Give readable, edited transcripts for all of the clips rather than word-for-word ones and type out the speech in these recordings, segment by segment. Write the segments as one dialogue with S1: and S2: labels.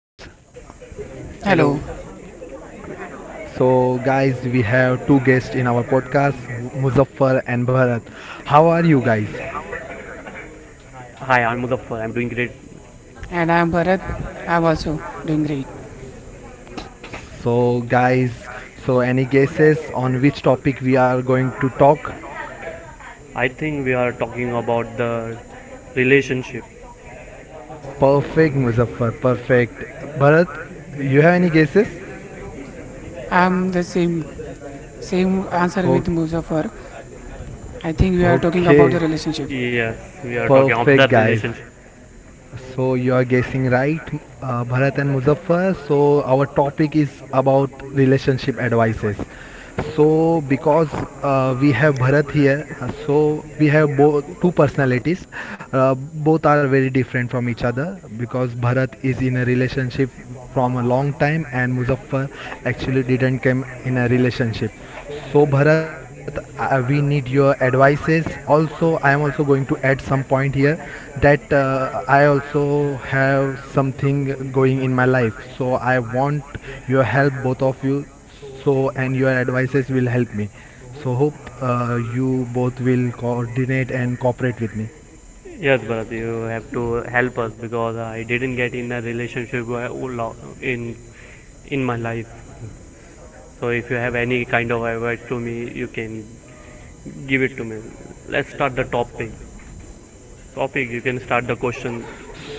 S1: Hello,
S2: Hello,
S3: So guys, we have two guests in our podcast, Muzaffar and Bharat. How are you guys?
S1: hi, I'm Muzaffar. I'm doing great.
S2: and I'm Bharat. I'm also doing great.
S3: So guys, so any guesses on which topic we are going to talk?
S1: I think we are talking about the relationship.
S3: Perfect, Muzaffar, perfect. Bharat, you have any guesses?
S2: I'm the same answer
S3: Oh,
S2: with Muzaffar. I think we are talking about
S3: okay,
S2: the relationship.
S1: Yes, we are talking of the
S3: perfect guys.
S1: relationship.
S3: So you are guessing right, Bharat and Muzaffar. So our topic is about relationship advices. So because we have Bharat here, so we have both two personalities. Both are very different from each other because Bharat is in a relationship from a long time and Muzaffar actually didn't come in a relationship. So Bharat, we need your advices. Also, I am also going to add some point here that I also have something going in my life. So I want your help, both of you. So and your advices will help me. So hope you both will coordinate and cooperate with me.
S1: Yes, Bharat, you have to help us because I didn't get in a relationship lo- in in my life. So if you have any kind of advice to me, you can give it to me. Let's start the topic. Topic, you can start the question.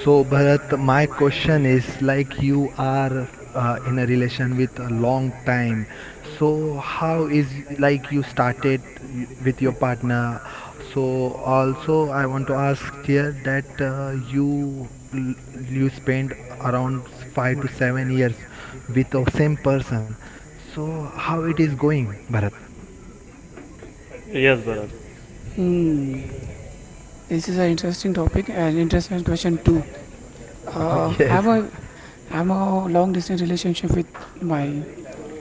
S3: So, Bharat, my question is like you are in a relation with a long time. So, how is like you started with your partner? So, also I want to ask here that you spend around 5 to 7 years with the same person. So, how it is going, Bharat?
S1: Yes, Bharat.
S2: Hmm, this is an interesting topic and interesting question too. Uh,
S3: Yes.
S2: I'm a I'm a long distance relationship with my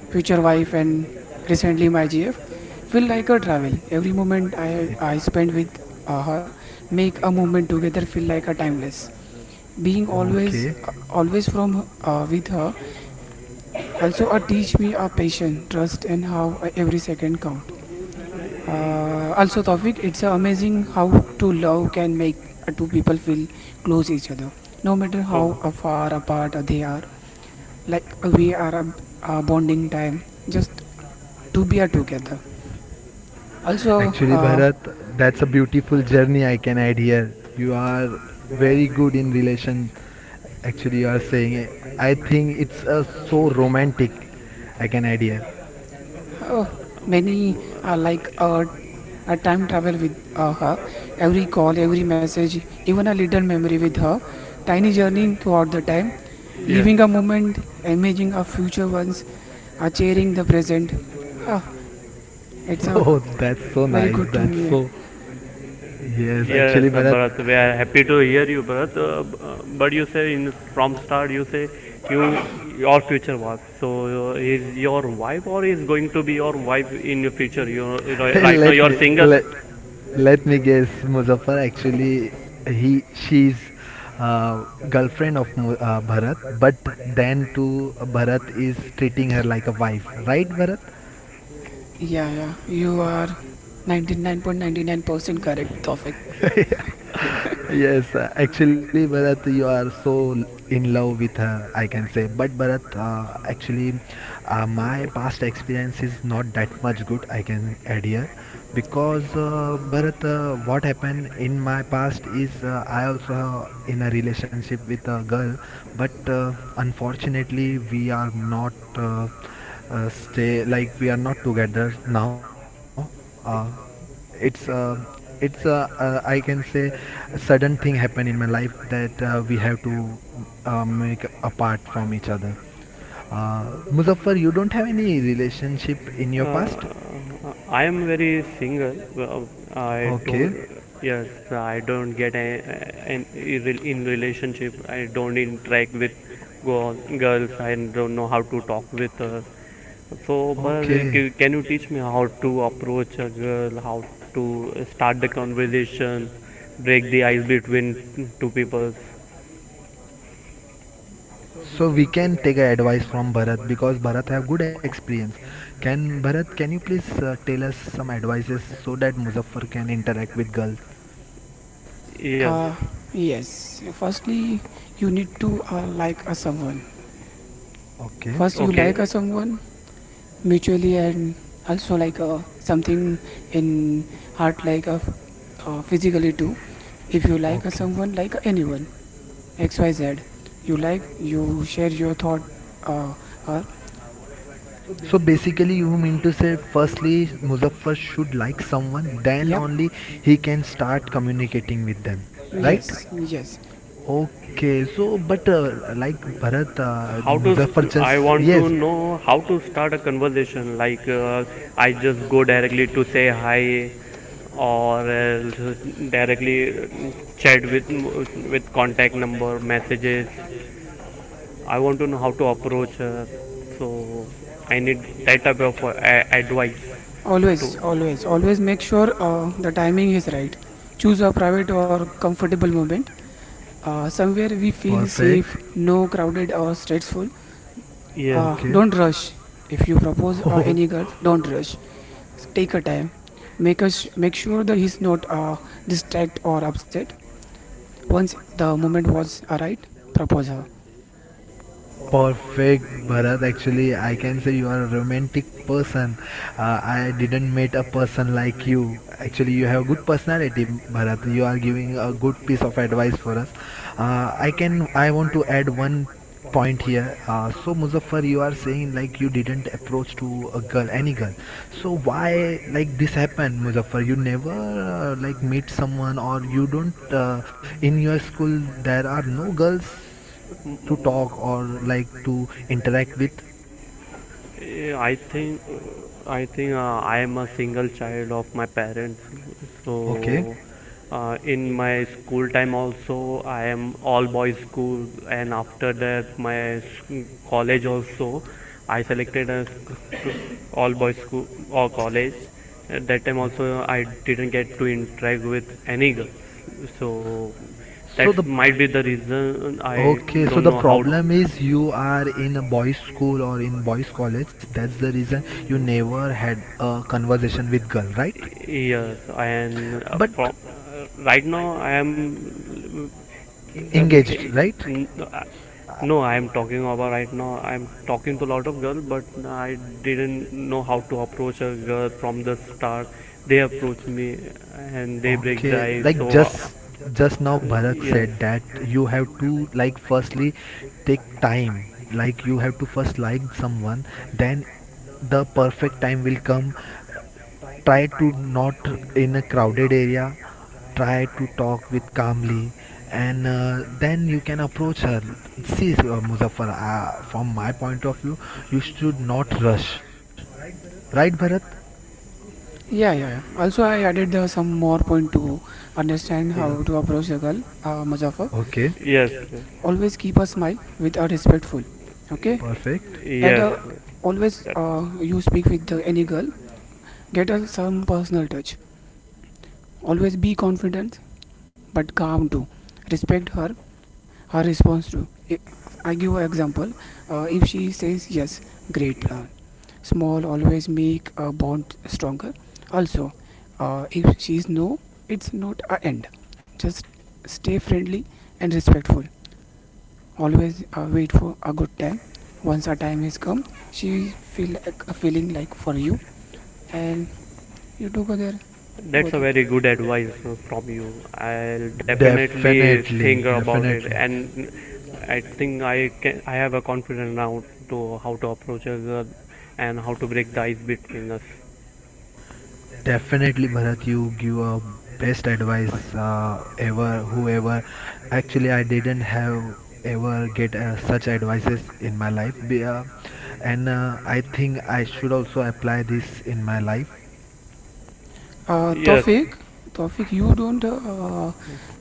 S2: future wife and recently my GF. Feel like a travel. Every
S3: Yeah.
S2: moment I I spend with her make a moment together feel like a timeless. Being always
S3: Okay.
S2: always from with her. Also, teach me a patience, trust, and how every second count. Also,
S1: Also,
S2: Tawfiq, it's amazing how to love can make two people feel
S1: two
S2: close each other,
S1: to
S2: no matter
S1: Oh.
S2: how far apart they are. Like we are a bonding time, just to be together. Also,
S3: Actually, Bharat, that's a beautiful journey I can add here. You are very good in relation. Actually, you are saying it. I think it's so romantic. I can add here.
S2: oh, many like I time travel with her. Every call, every message, even a little memory with her. Tiny journey throughout the time.
S1: Yeah.
S2: Living a moment, imagining our future ones, are cheering the present. Ah, it's a
S3: Oh, that's so
S2: very
S3: nice.
S2: good to
S3: That's
S2: me.
S3: so. Yes,
S1: Yes,
S3: actually, Bharat.
S1: Bharat, we are happy to hear you, Bharat. But you say in from start, you say you your future wife. So is your wife or is going to be your wife in your future? You know, right now
S3: let
S1: you are
S3: me
S1: single.
S3: let let me guess, Muzaffar. Actually, he she's uh, girlfriend of Bharat, but then too Bharat is treating her like a wife, right,
S2: Yeah, yeah. You are 99.99% correct, Tofik.
S3: Bharat? Yes, actually, Bharat, you are so in love with her, I can say. But Bharat, actually, my past experience is not that much good, I can add here. Because Bharat, what happened in my past is I also in a relationship with a girl, but unfortunately, we are not stay like we are not together now. Uh, it's it's a I can say a sudden thing happen in my life that we have to make apart from each other. Muzaffar, you don't have any relationship in your past?
S1: I am very single. Well, I don't.
S3: Okay.
S1: Yes, I don't get an in relationship. I don't interact with girls. I don't know how to talk with her. So, but can you teach me how to approach a girl? How to start the conversation? Break the ice between two people?
S3: So we can take a advice from Bharat because Bharat have good experience. Can Bharat, can you please tell us some advices so that Muzaffar can interact with girls?
S1: Yes.
S2: Uh, yes. Firstly, you need to like a someone.
S3: Okay,
S2: First, you
S1: Okay.
S2: like a someone, mutually and also like something in heart like physically too. If you like
S3: okay.
S2: someone like anyone xyz you like, you share your thought uh, her.
S3: So basically, you mean to say, firstly, Muzaffar should like someone, then
S2: Yep.
S3: only he can start communicating with them, right?
S2: Yes, yes.
S3: Okay, so but like Bharat,
S1: how to
S3: Muzaffar
S1: st- i
S3: just,
S1: want to
S3: yes,
S1: know how to start a conversation like I just go directly to say hi or directly uh, chat with contact number messages. I want to know how to approach her, so I need that type of advice to,
S2: Always, always, always make sure the timing is right. Choose a private or comfortable moment, somewhere we feel
S3: perfect.
S2: safe, no crowded or stressful.
S1: yes.
S3: Okay.
S2: Don't rush. If you propose any girl, don't rush. Take a time. Make sure that he's not distracted or upset. Once the moment was right, propose her.
S3: Perfect, Bharat. Actually, I can say you are a romantic person. I didn't meet a person like you. Actually, you have good personality, Bharat. You are giving a good piece of advice for us. I can. I want to add one point here. So, Muzaffar, you are saying like you didn't approach to a girl, any girl. So why like this happened, Muzaffar? You never like meet someone, or you don't in your school. There are no girls to talk or like to interact with.
S1: Eh, I think I think I am a single child of my parents.
S3: Okay.
S1: So in my school time also I am all boys school, and after that my college also I selected a all boys school or college. At that time also I didn't get to interact with any girls. So that might be the reason. I
S3: Okay, so
S1: don't
S3: the, yeah,
S1: know how.
S3: problem is you are in a boys' school or in boys' college. That's the reason you never had a conversation with girl, right?
S1: Yes, and from right now I am, um,
S3: Engaged, right?
S1: uh,
S3: Uh,
S1: no, I am talking about right now. I'm talking to a lot of girls, but I didn't know how to approach a girl from the start. They approach me and they break the ice. So,
S3: just now
S1: yes,
S3: Bharat, that
S1: yes,
S3: you have to like firstly take time. Like you have to first like someone, then the perfect time will come. Try to not in a crowded area, try to talk with calmly, and then you can approach her. See, Muzaffar, from my point of view, you should not rush, right, Bharat?
S2: Yeah, yeah, yeah. Also, I added the some more point to understand
S3: Yeah,
S2: how to approach the girl, Muzaffar.
S3: okay,
S1: yes,
S2: Always keep a smile with a respectful. Okay.
S3: perfect.
S2: Add
S1: yes.
S2: a, always
S1: That's
S2: you speak with the any girl. Get a some personal touch. Always be confident but calm too. Respect her response to i. Give an example, if she says yes, great plan, small always make a bond stronger. Also, if she is no, it's not an end, just stay friendly and respectful. Always wait for a good time. Once a time has come, she feel like a feeling like for you, and you together.
S1: That's
S2: both
S1: a very
S2: of-
S1: good advice from you. I'll definitely think
S3: Definitely,
S1: about it,
S3: definitely.
S1: and I think I can. I have a confidence now to how to approach a, and how to break the ice between us.
S3: Definitely, Bharat, you give a best advice ever. Whoever, actually, I didn't have ever get such advices in my life, and I think I should also apply this in my life.
S1: Yes,
S2: Tawfiq, you don't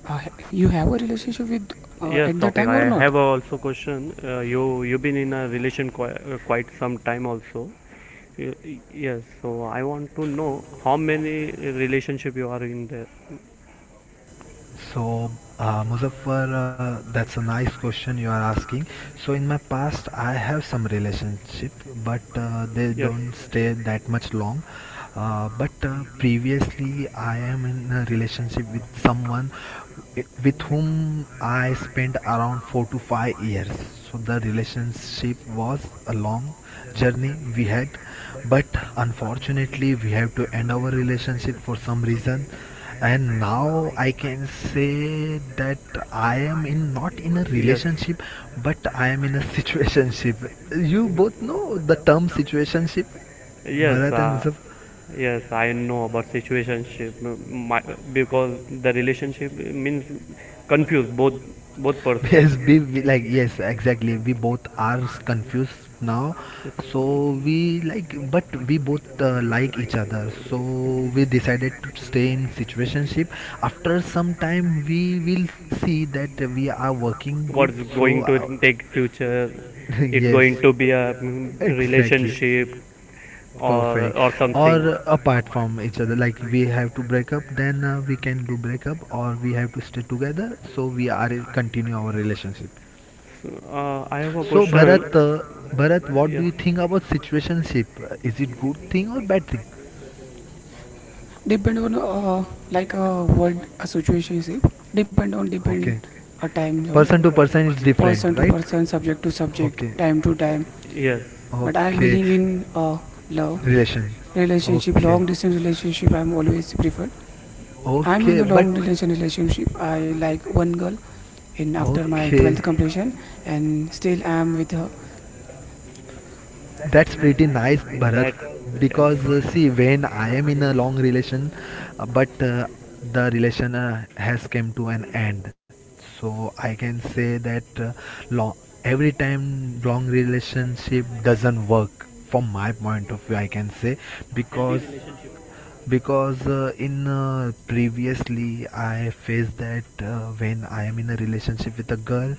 S2: uh, you have a relationship with
S1: yes,
S2: at the time
S1: topic.
S2: or
S1: I
S2: not?
S1: have also question. You you've been in a relation quite, quite some time also. Y- y- Yes, so I want to know how many relationship you are in there.
S3: So, Muzaffar, that's a nice question you are asking. So, in my past, I have some relationship, but they
S1: Yes.
S3: don't stay that much long. But previously I am in a relationship with someone with whom I spent around 4 to 5 years. So the relationship was a long journey we had, but unfortunately we have to end our relationship for some reason. And now I can say that I am in not in a
S1: Yes.
S3: relationship, but I am in a situationship. You both know the term situationship,
S1: Yes,
S3: Bharat and Musaf?
S1: yes, I know about situationship. My,
S3: Situationship.
S1: because the relationship means confuse both both person.
S3: Yes, we like, yes, exactly, we both are confused now. So we like, but we both like each other, so we decided to stay in situationship. After some time we will see that we are working good.
S1: What's
S3: So
S1: going to take future? It's
S3: yes,
S1: going to be a
S3: exactly.
S1: relationship
S3: Perfect.
S1: or
S3: Or not from
S1: something.
S3: Or apart from each other, like we have to break up, then we can do break up, or we have to stay together, so we are continue our relationship.
S1: So, I have a
S3: So
S1: question.
S3: Bharat, Bharat, what do you
S1: Yes,
S3: think about situationship? Is it good thing or bad thing?
S2: Depend on like a word associationship. Depend on depend
S3: Okay,
S2: a time zone,
S3: person to person is different,
S2: person to
S3: right?
S2: person, subject to subject,
S3: Okay,
S2: time to time.
S1: yes,
S2: But I
S3: okay,
S2: believe in love
S3: relation.
S2: relationship,
S3: Okay,
S2: long distance relationship. I'm always preferred. I'm in
S3: okay,
S2: a
S3: but
S2: long relationship. I like one girl in after my 12th
S3: okay.
S2: completion, and still I'm with her.
S3: That's pretty nice, Bharat.
S1: that's
S3: Because see,
S1: yes.
S3: when I am in a long relation, but the relation has come to an end. So I can say that long, every time long relationship doesn't work from my point of view, I can say. Because because in previously I faced that when I am in a relationship with a girl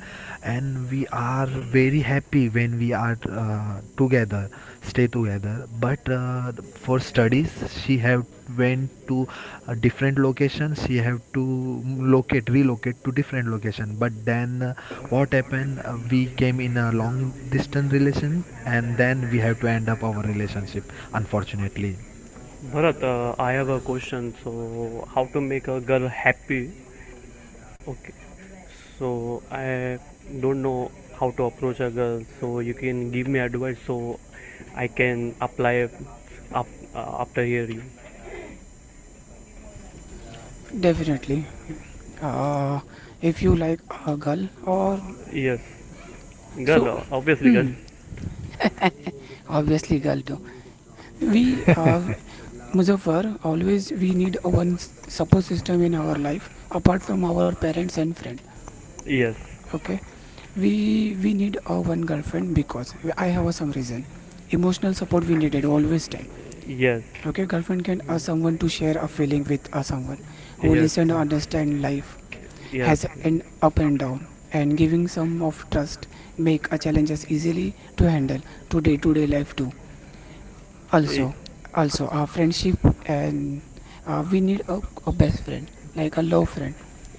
S3: and we are very happy, when we are together, stay together, but for studies she have went to a different location. She have to locate relocate to different location. But then what happened, we came in a long distance relation and then we have to end up our relationship, unfortunately.
S1: Bharat, I have a question. So, how to make a girl happy? Okay. So, I don't know how to approach a girl. So, you can give me advice so I can apply after hearing.
S2: Definitely. Uh, if you like a girl or
S1: Yes. Girl,
S2: so,
S1: obviously, girl.
S2: hmm, obviously girl too. We Muzaffar, always we need a one support system in our life apart from our parents and friend.
S1: Yes.
S2: Okay, we need a one girlfriend because I have some reason. Emotional support we needed always time.
S1: Yes.
S2: Okay, girlfriend can ask someone to share a feeling with a someone who
S1: Yes.
S2: listen to understand life
S1: Yes.
S2: has an up and down, and giving some of trust make a challenges easily to handle to day life too.
S1: I-
S2: Also, also a friendship, and we need a best friend like a love friend.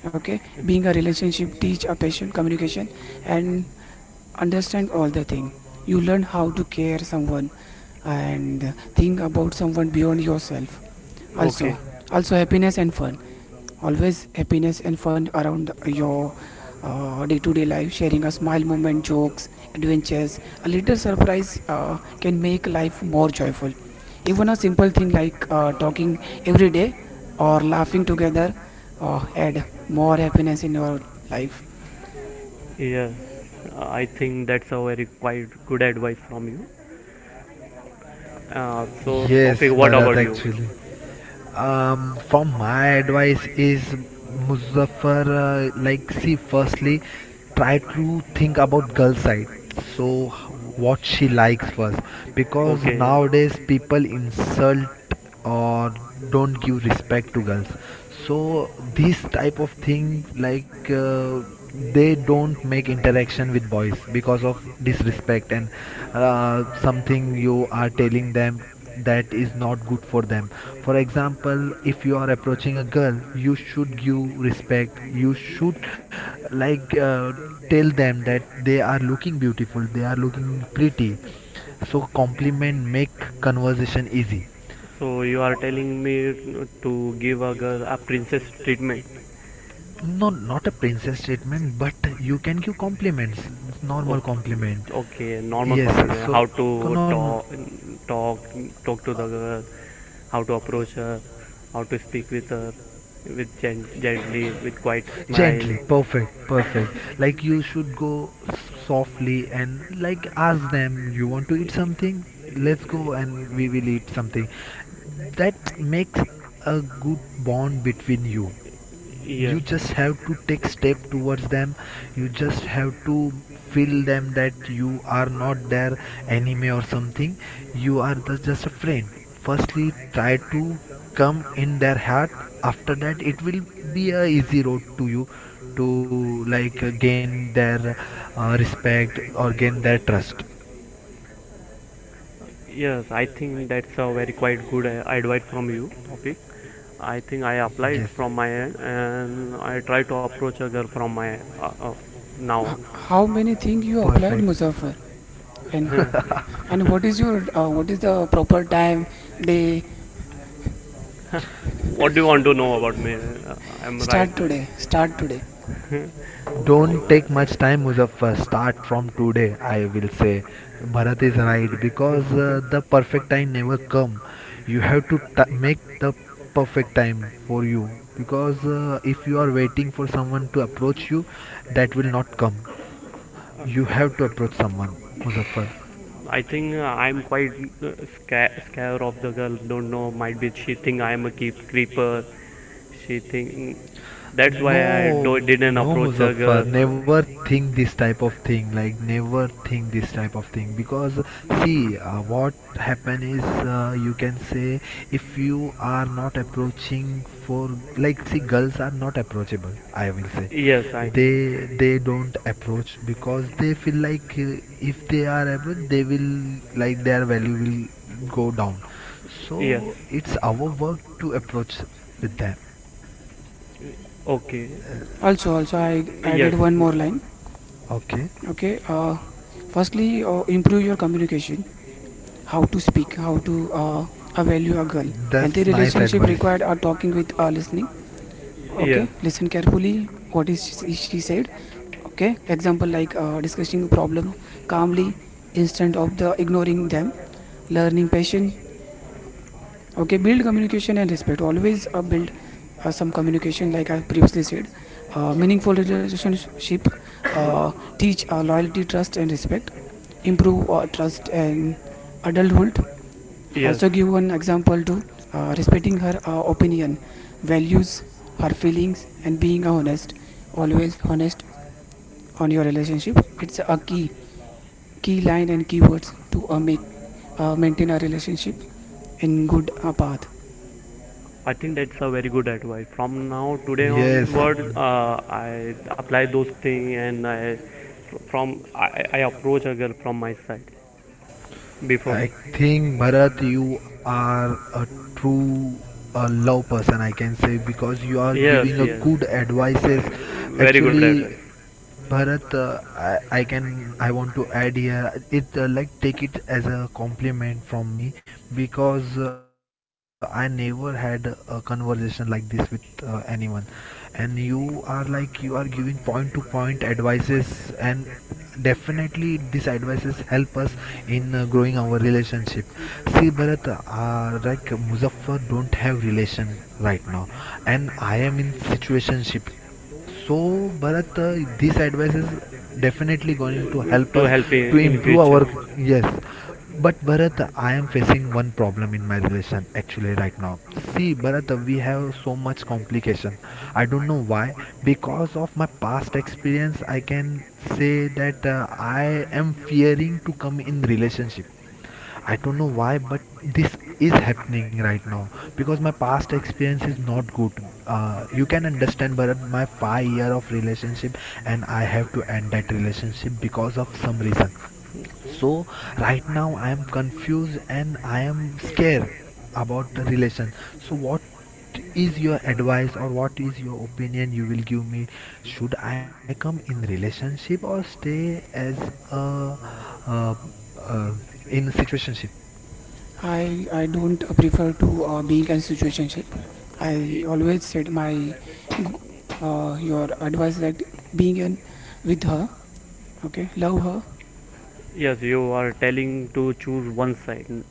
S2: Okay, being a relationship teach a patient communication, and understand all the thing. You learn how to care someone and think about someone beyond yourself. Also,
S1: okay.
S2: also happiness and fun, always happiness and fun around your day-to-day life. Sharing a smile moment, jokes, adventures, a little surprise can make life more joyful. Even a simple thing like talking every day or laughing together add more happiness in your life.
S1: Yes. I think that's a very quite good advice from you. So,
S3: Yes,
S1: Tofik, what
S3: Bharat,
S1: about you?
S3: actually. From my advice is, Muzaffar, like, see, firstly, try to think about girl side. So, what she likes first, because
S1: Okay.
S3: nowadays people insult or don't give respect to girls. So, this type of thing, like, they don't make interaction with boys because of disrespect and something you are telling them that is not good for them. For example, if you are approaching a girl, you should give respect, you should like tell them that they are looking beautiful, they are looking pretty. So compliment make conversation easy.
S1: So you are telling me to give a girl a princess treatment.
S3: No, not a princess treatment, but you can give compliments, normal
S1: Okay,
S3: compliment.
S1: okay, normal
S3: Yes, like
S1: compliment,
S3: so
S1: how to
S3: normal,
S1: talk, talk talk to the girl,
S3: uh,
S1: how to approach her, how to speak with her, with gently, with quiet smile.
S3: gently. Perfect, perfect. Like, you should go softly and like ask them you want to eat something, let's go and we will eat something, that makes a good bond between you. You
S1: Yeah.
S3: just have to take step towards them, you just have to feel them that you are not their enemy or something, you are the, just a friend. Firstly try to come in their heart. After that it will be a easy road to you to like gain their respect or gain their trust.
S1: Yes, I think that's a very quite good advice from you, topic. I think I applied
S3: Yes.
S1: from my end, and I try to approach a girl from my now
S2: H-
S1: on.
S2: how many things you applied,
S3: Perfect.
S2: Muzaffar, and what is your what is the proper time day?
S1: What do you want to know about me? I'm right.
S2: Start today, start today.
S1: From
S3: Don't take much time, Muzaffar. Start from today, I will say. Bharat is right because the perfect time never come. You have to make the perfect time for you because if you are waiting for someone to approach you, that will not come. You have to approach someone, Muzaffar.
S1: I think I'm quite scared of the girl. Don't know, might be she think I am a keep creeper. She think that's why I
S3: No,
S1: do, didn't
S3: no,
S1: approach a girl.
S3: Muzaffar, never think this type of thing. Like, never think this type of thing because see, what happen is you can say, if you are not approaching for, like, see, girls are not approachable, I will say.
S1: Yes, I know.
S3: They they don't approach because they feel like if they are approached they will, like, their value will go down.
S1: Yes.
S3: So it's our work to approach with them.
S1: Okay.
S2: Also, also I added
S1: Yes.
S2: one more line.
S3: Okay,
S2: Okay, firstly, improve your communication, how to speak, how to value a girl. Healthy
S3: that's nice
S2: relationship
S3: advice.
S2: required are talking with listening.
S1: Yes.
S2: Okay, listen carefully what is she said. Okay, example like discussing problems calmly instead of the ignoring them. Learning patience. Okay, build communication and respect. Always build some communication like I previously said. Meaningful relationship, uh, teach loyalty, trust and respect. Improve trust and adulthood.
S1: Yes.
S2: Also, give one example to respecting her opinion, values, her feelings and being honest. Always honest on your relationship. It's a key, key line and keywords to make maintain a relationship in good path.
S1: I think that's a very good advice. From now today
S3: Yes.
S1: onward, I apply those things, and I I approach a girl from my side before.
S3: I think, Bharat, you are a true, a love person, I can say, because you are
S1: Yes,
S3: giving a, yes,
S1: yes,
S3: good advices. Very
S1: right,
S3: good.
S1: very good
S3: Actually,
S1: advice.
S3: Bharat, I want to add here it, like take it as a compliment from me because I never had a conversation like this with anyone, and you are like you are giving point to point advices and definitely these advices help us in growing our relationship. See, Bharat, like Muzaffar don't have relation right now and I am in situationship. So, Bharat, this advice is definitely going to help
S1: To
S3: us
S1: help
S3: to
S1: in
S3: improve
S1: future.
S3: our, yes. But Bharat, I am facing one problem in my relation actually right now. See, Bharat, we have so much complication. I don't know why. Because of my past experience, I can say that I am fearing to come in relationship. I don't know why, but this is happening right now because my past experience is not good. You can understand, Bharat, my 5 year of relationship, and I have to end that relationship because of some reason. So right now I am confused and I am scared about the relation. So what is your advice or what is your opinion you will give me? Should I come in relationship or stay as a uh, uh, in situationship?
S2: I don't prefer to being in a situationship.
S1: Y-
S2: I always said my your advice that being in with her, okay, love her.
S1: Yes, you are telling to choose one side,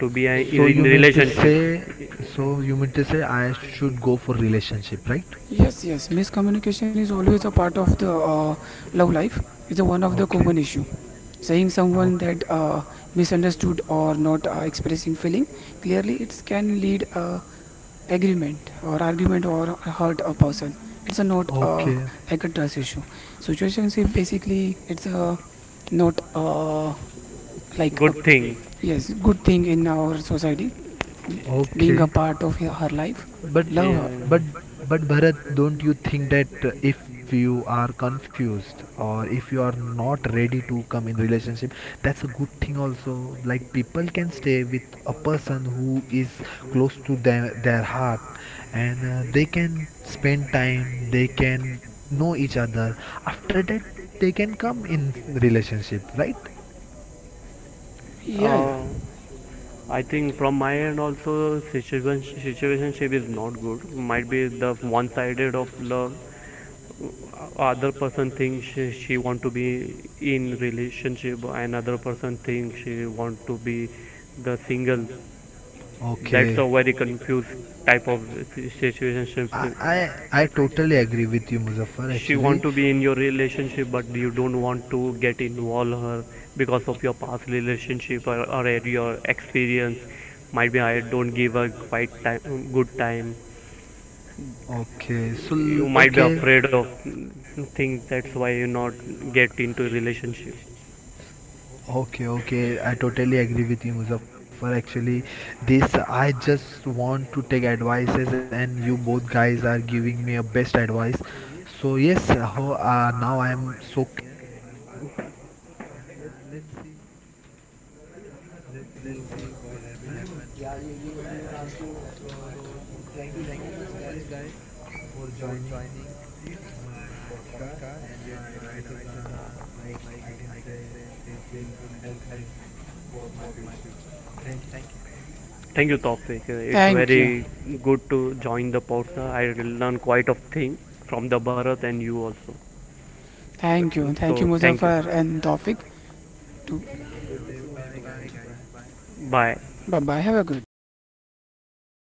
S1: to be
S3: So
S1: in
S3: you mean to
S1: relationship.
S3: say, so you mean to say I should go for relationship, right?
S2: Yes, yes, miscommunication is always a part of the love life. It's a one of the
S3: Okay,
S2: common issue. Saying
S3: okay,
S2: someone that misunderstood or not expressing feeling clearly, it can lead agreement or argument or hurt a person. It's a not
S3: okay,
S2: like a trust issue. Situationship basically it's a not like a,
S1: Good thing.
S2: yes, good thing in our society, being a
S3: okay.
S2: part of her life.
S3: But
S2: Love her.
S3: but
S1: Yeah.
S3: but Bharat, don't you think that if you are confused or if you are not ready to come in relationship, that's a good thing also. Like people can stay with a person who is close to their heart, and they can spend time. They can know each other. After that, they can come in relationship, right?
S2: Yeah, yeah.
S1: Uh, I think from my end also situationship is not good. Might be the one-sided of love. Other person thinks she want to be in relationship, and other person thinks she want to be the single. That's
S3: Okay.
S1: a very confused type of situationship.
S3: I totally agree with you, Muzaffar. You,
S1: She
S3: actually,
S1: want to be in your relationship, but you don't want to get involved her because of your past relationship or your experience. Might be I don't give a quite time, good time.
S3: okay. So
S1: You might be
S3: you.
S1: afraid of things, that's why you not get into relationship.
S3: Okay, okay, I totally agree with you, Muzaffar. Actually, this I just want to take advices, and you both guys are giving me a best advice. So yes, now I am so clear in my path. Uh, let's see, let's see what will happen. In So, thank you so much, guys, for joining my podcast and your advices are, like I can say, it will help me for my future. Thank you.
S1: Thank you, topic. It's
S2: Thank
S1: very
S2: you.
S1: good to join the podcast. I learn quite of thing from the Bharat and you also.
S2: Thank you,
S1: So thank you,
S2: Muzaffar and
S3: Thank
S2: Tawfiq.
S3: you. Have a good day. Bye guys. Bye.
S1: bye.
S2: Bye bye, have a good day.